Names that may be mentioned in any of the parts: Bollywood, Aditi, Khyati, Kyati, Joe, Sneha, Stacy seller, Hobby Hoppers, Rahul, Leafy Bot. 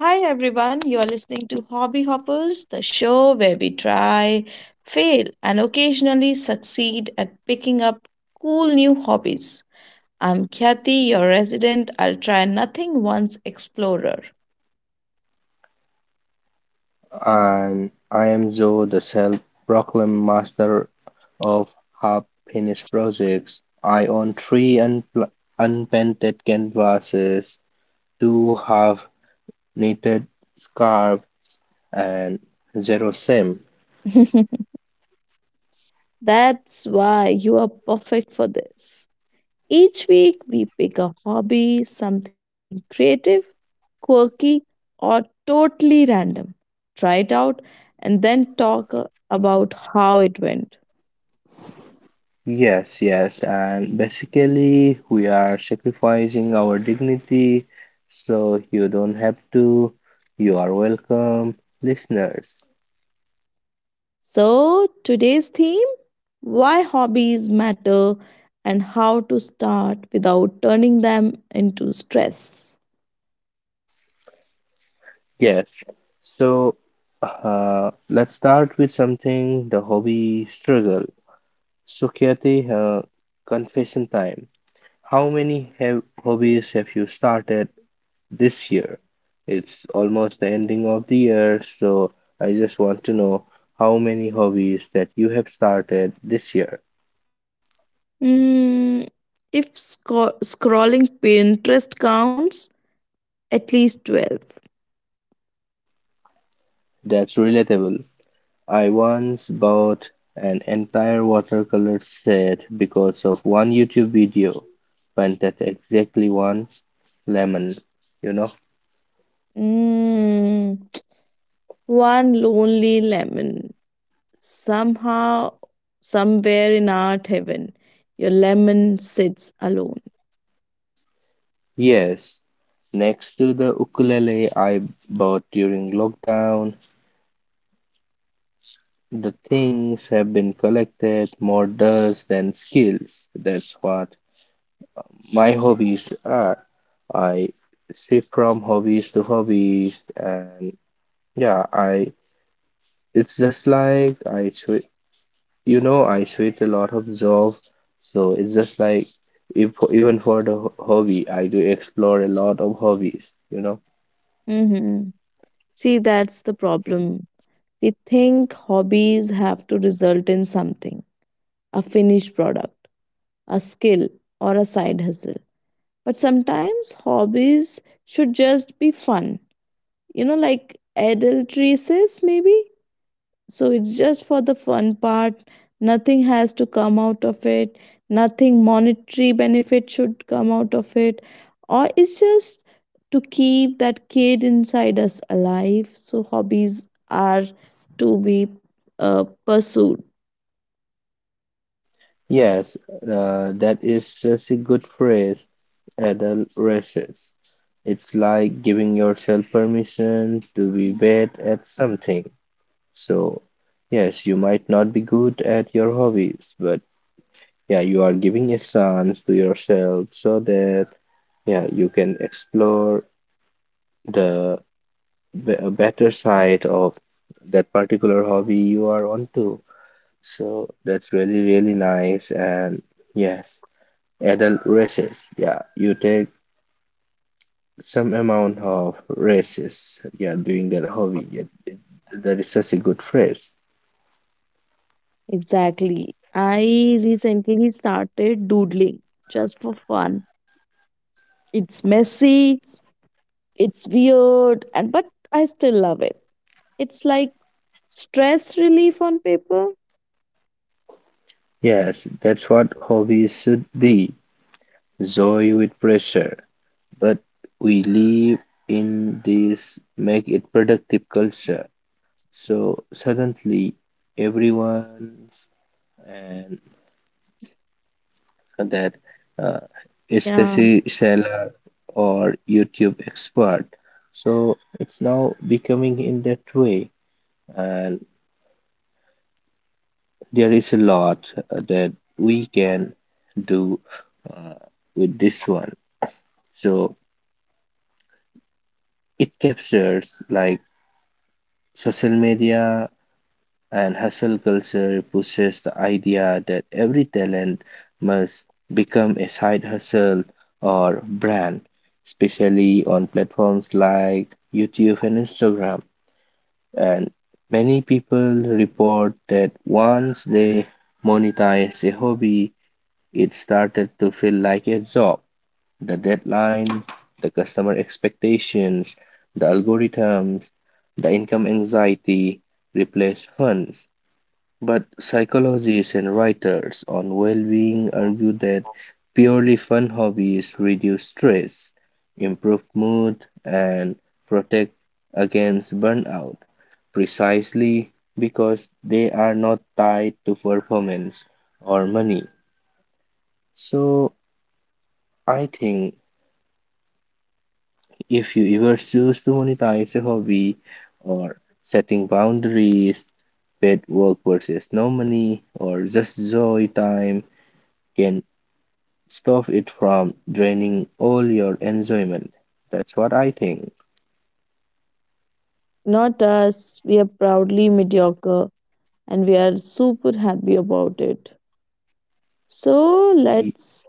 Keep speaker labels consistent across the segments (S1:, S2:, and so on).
S1: Hi everyone, you are listening to Hobby Hoppers, the show where we try, fail, and occasionally succeed at picking up cool new hobbies. I'm Khyati, your resident, I'll try nothing once explorer.
S2: And I am Joe, the self-proclaimed master of half-finished projects. I own three unpainted canvases, two half-knitted scarves, and zero sim.
S1: That's why you are perfect for this. Each week, we pick a hobby, something creative, quirky, or totally random. Try it out and then talk about how it went.
S2: Yes, yes, and basically we are sacrificing our dignity, so you don't have to. You are welcome, listeners.
S1: So, today's theme why hobbies matter and how to start without turning them into stress.
S2: Yes. So let's start with something the hobby struggle. So Kyati, confession time. How many have hobbies have you started this year? It's almost the ending of the year, so I just want to know how many hobbies that you have started this year.
S1: Hmm, if scrolling Pinterest counts, at least 12.
S2: That's relatable. I once bought an entire watercolor set because of one YouTube video painted exactly one lemon, you know?
S1: Mm, one lonely lemon. Somehow, somewhere in art heaven, your lemon sits alone.
S2: Yes, next to the ukulele I bought during lockdown, the things have been collected more dust than skills. That's what my hobbies are. I shift from hobbies to hobbies and yeah, I it's just like I swi you know, I switch a lot of job, so it's just like if even for the hobby, I do explore a lot of hobbies, you know.
S1: Mhm. See, that's the problem. We think hobbies have to result in something a finished product, a skill, or a side hustle. But sometimes hobbies should just be fun. You know, like adult says, maybe? So it's just for the fun part. Nothing has to come out of it. Nothing monetary benefit should come out of it. Or it's just to keep that kid inside us alive. So hobbies are to be pursued.
S2: Yes, that is such a good phrase, adult races. It's like giving yourself permission to be bad at something. So, yes, you might not be good at your hobbies, but yeah, you are giving a chance to yourself so that yeah, you can explore the a better side of that particular hobby you are onto. So that's really, really nice. And yes, adult races. Yeah, you take some amount of races. Yeah, doing that hobby. That is such a good phrase.
S1: Exactly. I recently started doodling just for fun. It's messy, it's weird, and but I still love it. It's like stress relief on paper.
S2: Yes, that's what hobbies should be. Joy with pressure. But we live in this make it productive culture. So suddenly everyone's and that uh,
S1: Yeah.
S2: Stacy seller or YouTube expert. So it's now becoming in that way, and there is a lot that we can do uh, with this one. So it captures like social media and hustle culture pushes the idea that every talent must become a side hustle or brand, especially on platforms like YouTube and Instagram. And many people report that once they monetize a hobby, it started to feel like a job. The deadlines, the customer expectations, the algorithms, the income anxiety replace fun, but psychologists and writers on well being argue that purely fun hobbies reduce stress, improve mood, and protect against burnout, precisely because they are not tied to performance or money. So, I think if you ever choose to monetize a hobby or setting boundaries, paid work versus no money, or just joy time, can stop it from draining all your enjoyment. That's what I think.
S1: Not us, we are proudly mediocre and we are super happy about it. So
S2: Ye-
S1: let's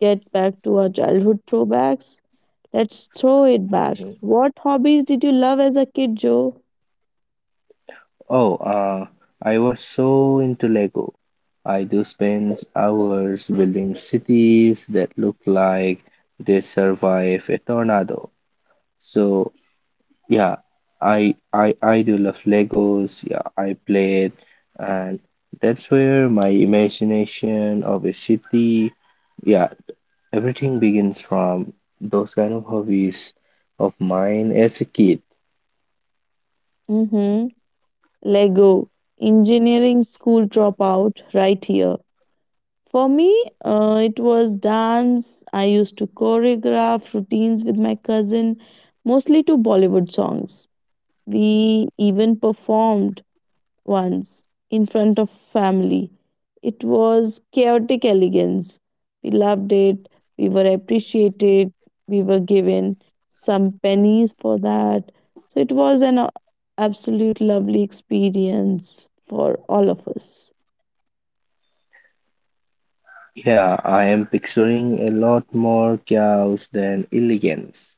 S1: get back to our childhood throwbacks. Let's throw it back.
S2: mhm.
S1: What hobbies did you love as a kid, Joe?
S2: Oh, I was so into Lego. I do spend hours building cities that look like they survive a tornado. So yeah, I do love Legos. Yeah, I play it, and that's where my imagination of a city, yeah, everything begins from those kind of hobbies of mine as a kid.
S1: Mm-hmm. Lego. Engineering school dropout right here. For me, it was dance. I used to choreograph routines with my cousin, mostly to Bollywood songs. We even performed once in front of family. It was chaotic elegance. We loved it. We were appreciated. We were given some pennies for that. So it was an absolute lovely experience for all of us.
S2: Yeah, I am picturing a lot more chaos than elegance.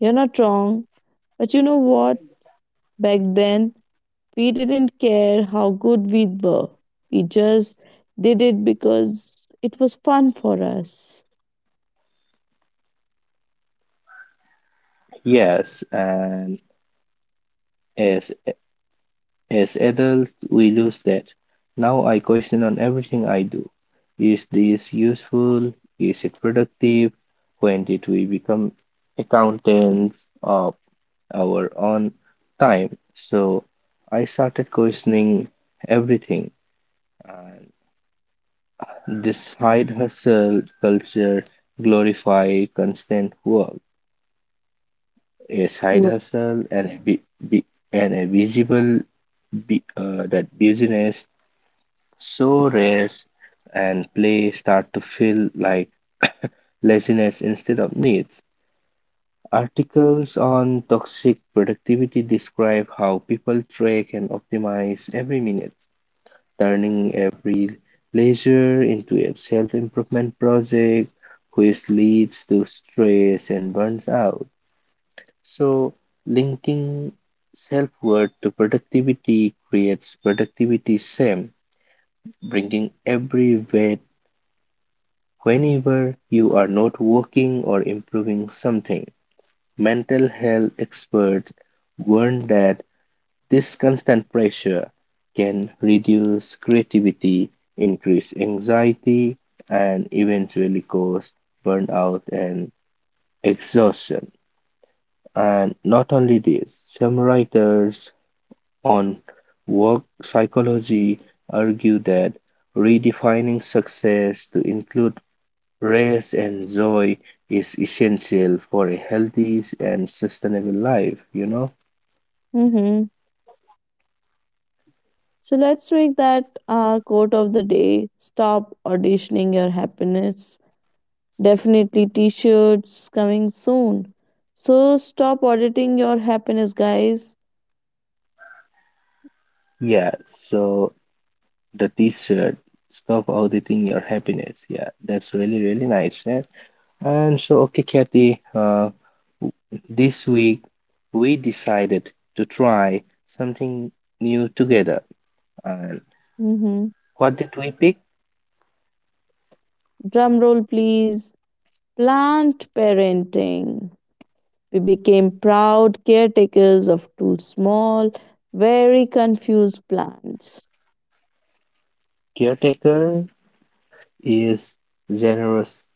S1: You're not wrong. But you know what? Back then, we didn't care how good we were. We just did it because it was fun for us.
S2: Yes, and as as adults we lose that. Now I question on everything I do. Is this useful? Is it productive? When did we become accountants of our own time? So I started questioning everything. This side hustle culture glorify constant work. A side hustle and and a visible that business, so rest and play start to feel like laziness instead of needs. Articles on toxic productivity describe how people track and optimize every minute, turning every leisure into a self-improvement project, which leads to stress and burns out. So, linking self-worth to productivity creates productivity shame, bringing every weight whenever you are not working or improving something. Mental health experts warn that this constant pressure can reduce creativity, increase anxiety, and eventually cause burnout and exhaustion. And not only this, some writers on work psychology argue that redefining success to include rest and joy is essential for a healthy and sustainable life, you know?
S1: Mm-hmm. So let's make that our quote of the day. Stop auditioning your happiness. Definitely t shirts coming soon. So stop auditing your happiness, guys.
S2: Yeah, so the t-shirt stop auditing your happiness, yeah, that's really really nice. Yeah, and so okay kathy, w- this week we decided to try something new together and
S1: Hmm.
S2: what did we pick?
S1: Drum roll, please. Plant parenting. We became proud caretakers of two small, very confused plants.
S2: Caretaker is generous.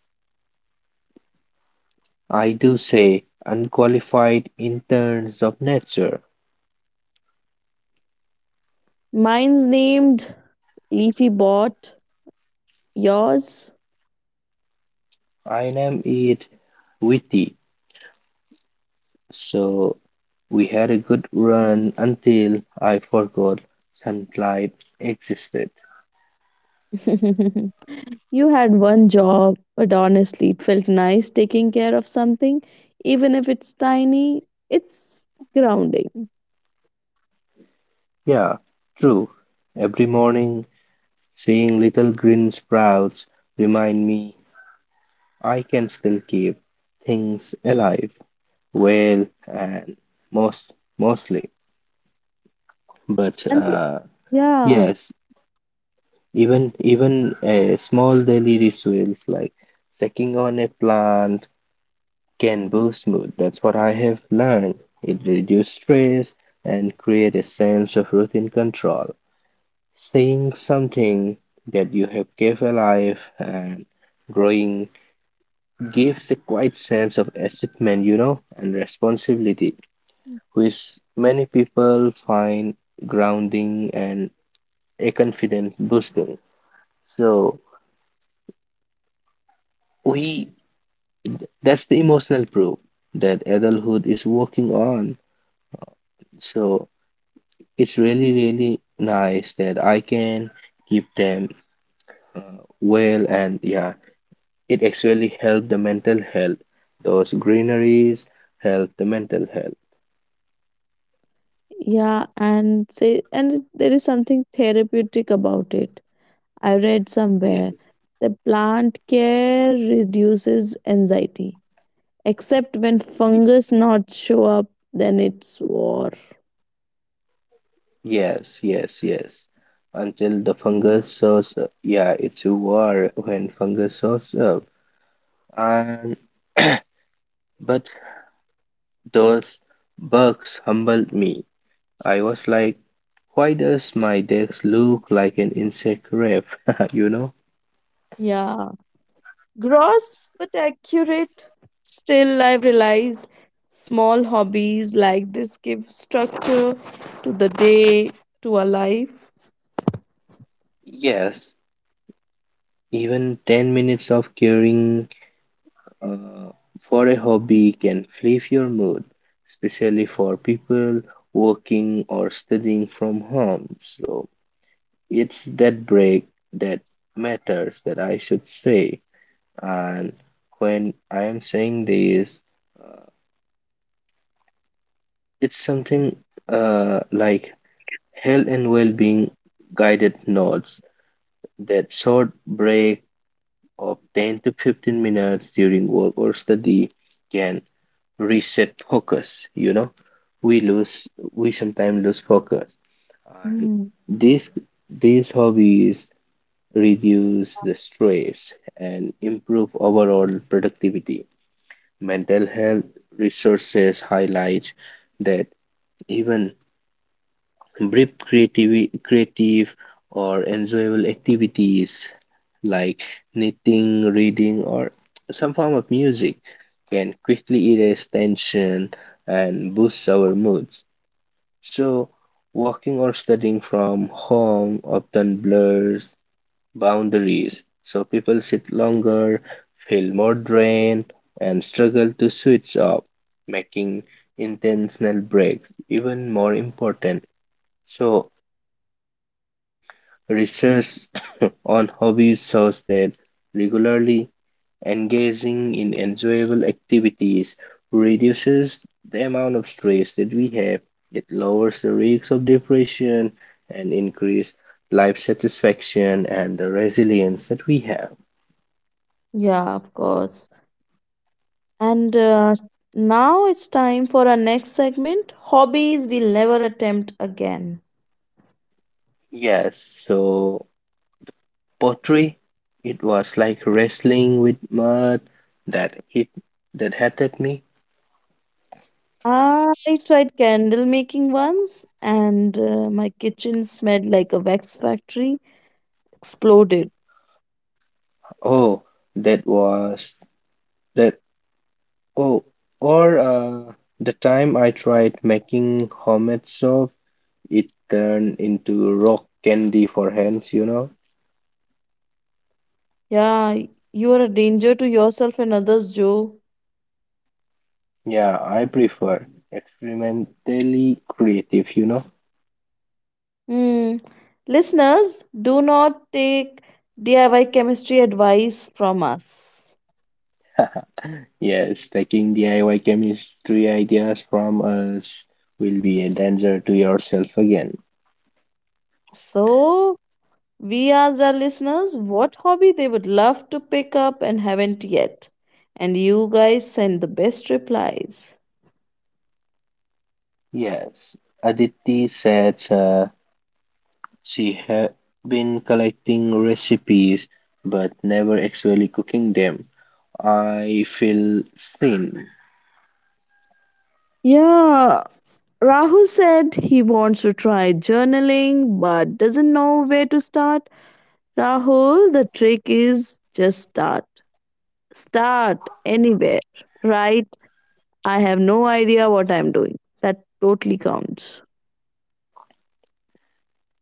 S2: I do say unqualified interns of nature.
S1: Mine's named Leafy Bot. Yours?
S2: I name it witty. So we had a good run until I forgot sunlight existed.
S1: You had one job, but honestly, it felt nice taking care of something, even if it's tiny, it's grounding.
S2: Yeah, true. Every morning, seeing little green sprouts remind me I can still keep things alive, well, and most mostly. But
S1: And th- yeah,
S2: Yes, even a small daily rituals like checking on a plant can boost mood. That's what I have learned. It reduces stress and create a sense of routine control. Seeing something that you have kept alive and growing gives a quiet sense of achievement, you know, and responsibility, which many people find grounding and a confidence boosting. So we, that's the emotional proof that adulthood is working on. So it's really, really nice that I can keep them well, and yeah, it actually help the mental health. Those greeneries help the mental health.
S1: and there is something therapeutic about it. I read
S2: Yes,
S1: somewhere that plant care reduces anxiety, except when
S2: y-
S1: fungus knots show up, then it's war.
S2: yes, yes, yes. Until the fungus shows up. Yeah, it's a war when fungus shows up. And but those bugs humbled me. I was like, why does my desk look like an insect grave? You know?
S1: Yeah, gross but accurate. Still, I've realized small hobbies like this give structure to the day, to our life.
S2: Yes, even 10 minutes of caring uh, for a hobby can flip your mood, especially for people working or studying from home. So it's that break that matters, that I should say. And when I am saying this, it's something like health and well being guided notes that short break of 10 to 15 minutes during work or study can reset focus. You know, we lose, we sometimes lose focus. And
S1: Hmm.
S2: these, these hobbies reduce the stress and improve overall productivity. Mental health resources highlight that even brief creative or enjoyable activities like knitting, reading, or some form of music can quickly erase tension and boost our moods. So, working or studying from home often blurs boundaries. So, people sit longer, feel more drained, and struggle to switch off, making intentional breaks even more important. So, research on hobbies shows that regularly engaging in enjoyable activities reduces the amount of stress that we have. It lowers the risk of depression and increase life satisfaction and the resilience that we have.
S1: Yeah, of course. And now it's time for our next segment hobbies we'll never attempt again.
S2: Yes, so pottery, it was like wrestling with mud that hit that hit at me.
S1: I tried candle making once, and my kitchen smelled like a wax factory. Exploded.
S2: Oh, that was that Oh, or the time I tried making homemade soap, it turned into rock candy for hands, you know?
S1: Yeah, you are a danger to yourself and others, Joe.
S2: Yeah, I prefer experimentally creative, you know?
S1: Hmm. Listeners, do not take DIY chemistry advice from us.
S2: Yes, taking DIY chemistry ideas from us will be a danger to yourself again.
S1: So, we asked our listeners what hobby they would love to pick up and haven't yet. And you guys sent the best replies.
S2: Yes, Aditi said, she had been collecting recipes but never actually cooking them. I feel seen.
S1: Yeah, Rahul said he wants to try journaling but doesn't know where to start. Rahul, the trick is just start. Start anywhere. Write I have no idea what I'm doing. That totally counts.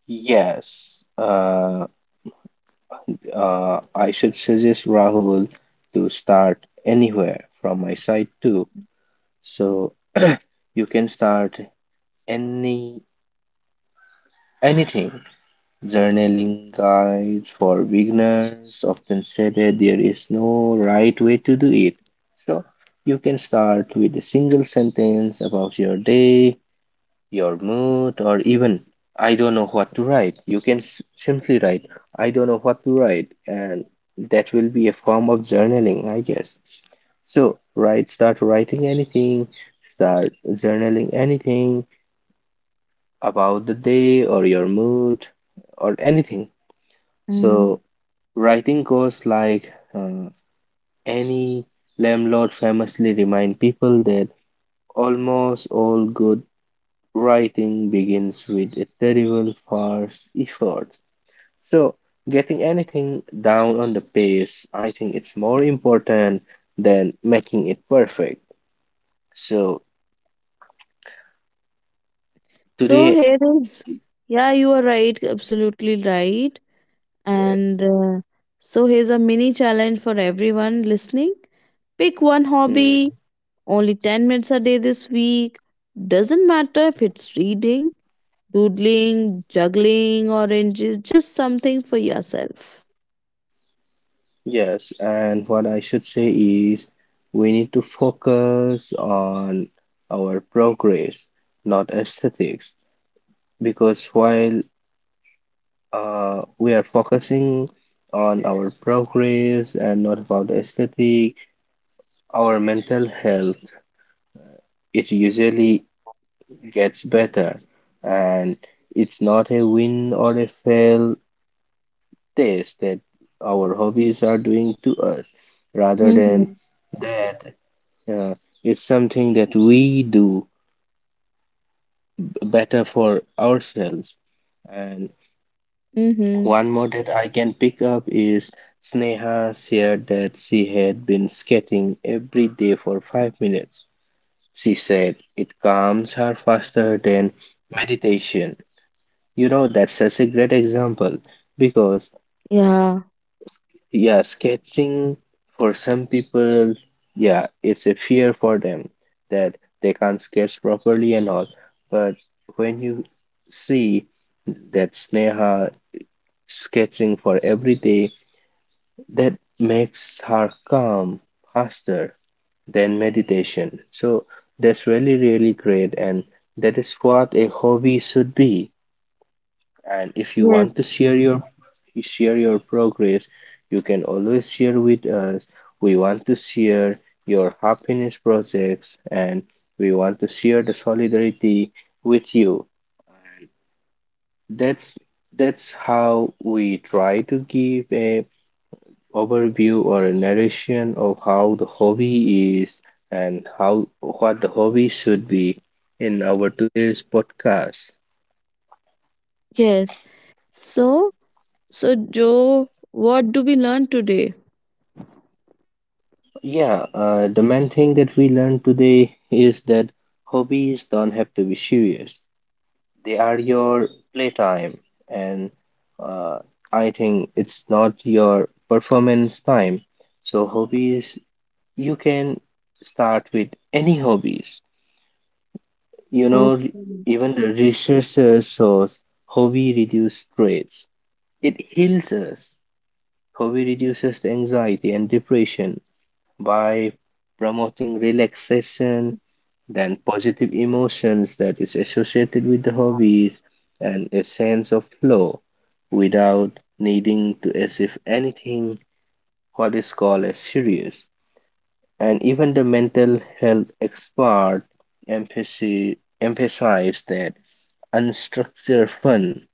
S2: Yes, I should suggest Rahul to start anywhere from my side too. So you can start any anything. Journaling guides for beginners often say that there is no right way to do it. So you can start with a single sentence about your day, your mood, or even I don't know what to write. You can simply write I don't know what to write, and that will be a form of journaling, I guess. So write, start writing anything, start journaling anything about the day or your mood or anything.
S1: Mm.
S2: So writing goes like any landlord famously remind people that almost all good writing begins with a terrible first effort. So getting anything down on the page, I think it's more important than making it perfect. So
S1: So
S2: today,
S1: here is, yeah, you are right, absolutely right.
S2: yes.
S1: And so here's a mini challenge for everyone listening. Pick one hobby,
S2: Hmm.
S1: only 10 minutes a day this week. Doesn't matter if it's reading, doodling, juggling oranges, just something for yourself.
S2: Yes, and what I should say is we need to focus on our progress, not aesthetics, because while we are focusing on our progress and not about aesthetic, our mental health, it usually gets better. And it's not a win or a fail test that our hobbies are doing to us, rather than
S1: Mm-hmm.
S2: that uh, it's something that we do better for ourselves. And
S1: Mm-hmm.
S2: one more that I can pick up is Sneha shared that she had been skating every day for 5 minutes. She said it calms her faster than meditation. You know, that's such a great example because
S1: Yeah.
S2: yeah, sketching for some people, yeah, it's a fear for them that they can't sketch properly and all. But when you see that Sneha sketching for every day, that makes her calm faster than meditation. So that's really, really great, and that is what a hobby should be. And if you want to
S1: Yes.
S2: share your progress, you can always share with us. We want to share your happiness projects and we want to share the solidarity with you. And that's that's how we try to give a overview or a narration of how the hobby is and how what the hobby should be in our today's podcast.
S1: Yes. So, so Joe, what do we learn today?
S2: Yeah, the main thing that we learned today is that hobbies don't have to be serious. They are your playtime, and uh, I think it's not your performance time. So hobbies, you can start with any hobbies. You know, re-
S1: Okay.
S2: Even the researchers shows hobby reduce stress. It heals us. Hobby reduces anxiety and depression by promoting relaxation, then positive emotions that is associated with the hobbies, and a sense of flow without needing to as if anything what is called as serious. And even the mental health expert emphasized that unstructured fun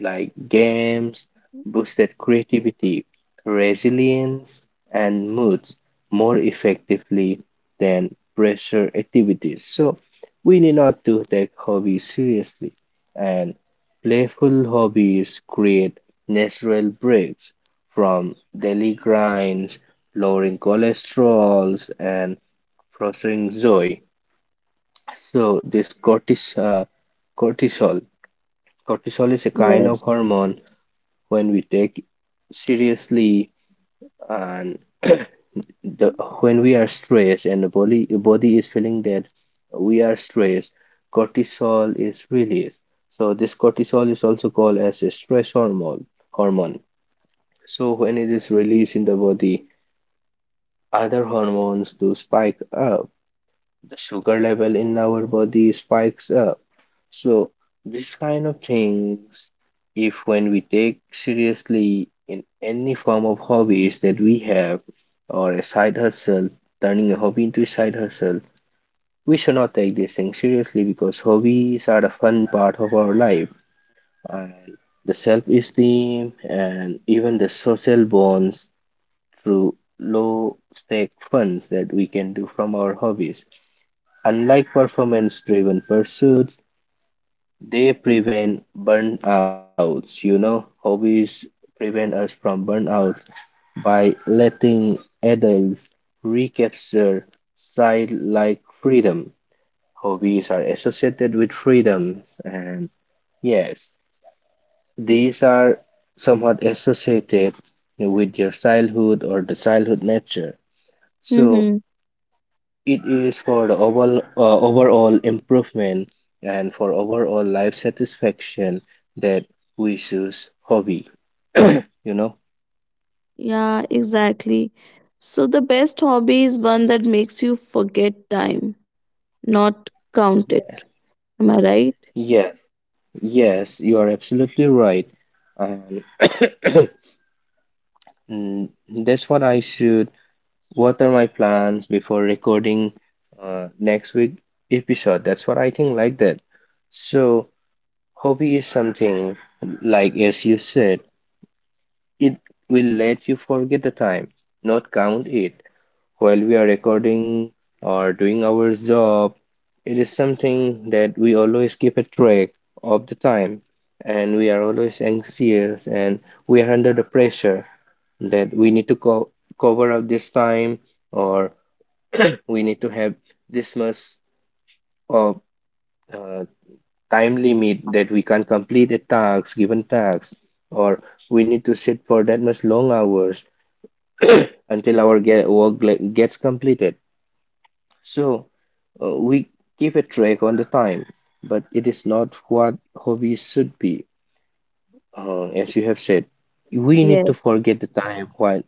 S2: like games boosted creativity, resilience, and moods more effectively than pressure activities. So we need not to take hobbies seriously, and playful hobbies create natural breaks from daily grinds, lowering cholesterols and fostering joy. So this cortis cortisol. Cortisol is a kind of
S1: Yes.
S2: hormone when we take seriously and the when we are stressed and the body is feeling that we are stressed, cortisol is released. So this cortisol is also called as a stress hormone. So when it is released in the body, other hormones do spike up, the sugar level in our body spikes up. So, this kind of things, if when we take seriously in any form of hobbies that we have, or a side hustle, turning a hobby into a side hustle, we should not take these things seriously because hobbies are a fun part of our life, and the self esteem and even the social bonds through low stake funds that we can do from our hobbies. Unlike performance driven pursuits, they prevent burnouts. You know, hobbies prevent us from burnout by letting adults recapture side like freedom. Hobbies are associated with freedoms, and yes, these are somewhat associated with your childhood or the childhood nature. So,
S1: Mm-hmm.
S2: it is for the overall improvement and for overall life satisfaction that we choose hobby. You know?
S1: Yeah, exactly. So the best hobby is one that makes you forget time, not count it.
S2: Yeah.
S1: Am I right?
S2: Yes, yes, you are absolutely right. Um, mm, that's what I should water my plants before recording next week episode. That's what I think like that. So hobby is something like as you said. It will let you forget the time, not count it, while we are recording or doing our job. It is something that we always keep a track of the time, and we are always anxious and we are under the pressure that we need to cover up this time, or we need to have this much of uh, time limit that we can complete a task, given task, or we need to sit for that much long hours until our get work like, gets completed. So we keep a track on the time, but it is not what hobbies should be. As you have said, we need to
S1: Yes.
S2: forget the time while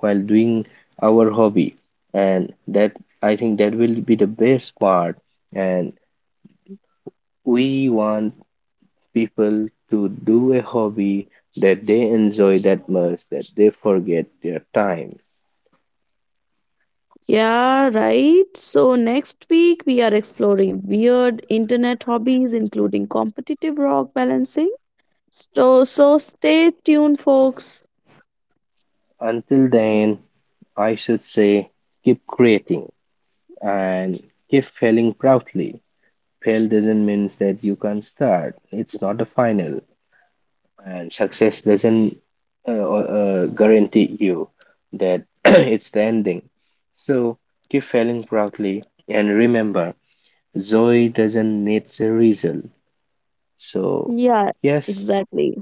S2: while doing our hobby, and that I think that will be the best part. And we want people to do a hobby that they enjoy that much that they forget their time.
S1: Yeah, right. So next week we are exploring weird internet hobbies, including competitive rock balancing. So, so stay tuned, folks.
S2: Until then, I should say keep creating and keep failing proudly. Fail doesn't mean that you can't start, it's not a final. And success doesn't guarantee you that it's the ending. So keep failing proudly and remember, joy doesn't need a result. So,
S1: Yeah,
S2: yes,
S1: exactly.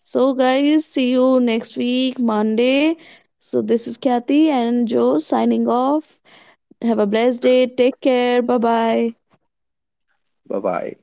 S1: So, guys, see you next week, Monday. So, this is Kathy and Joe signing off. Have a blessed day. Take care. Bye bye.
S2: bye bye.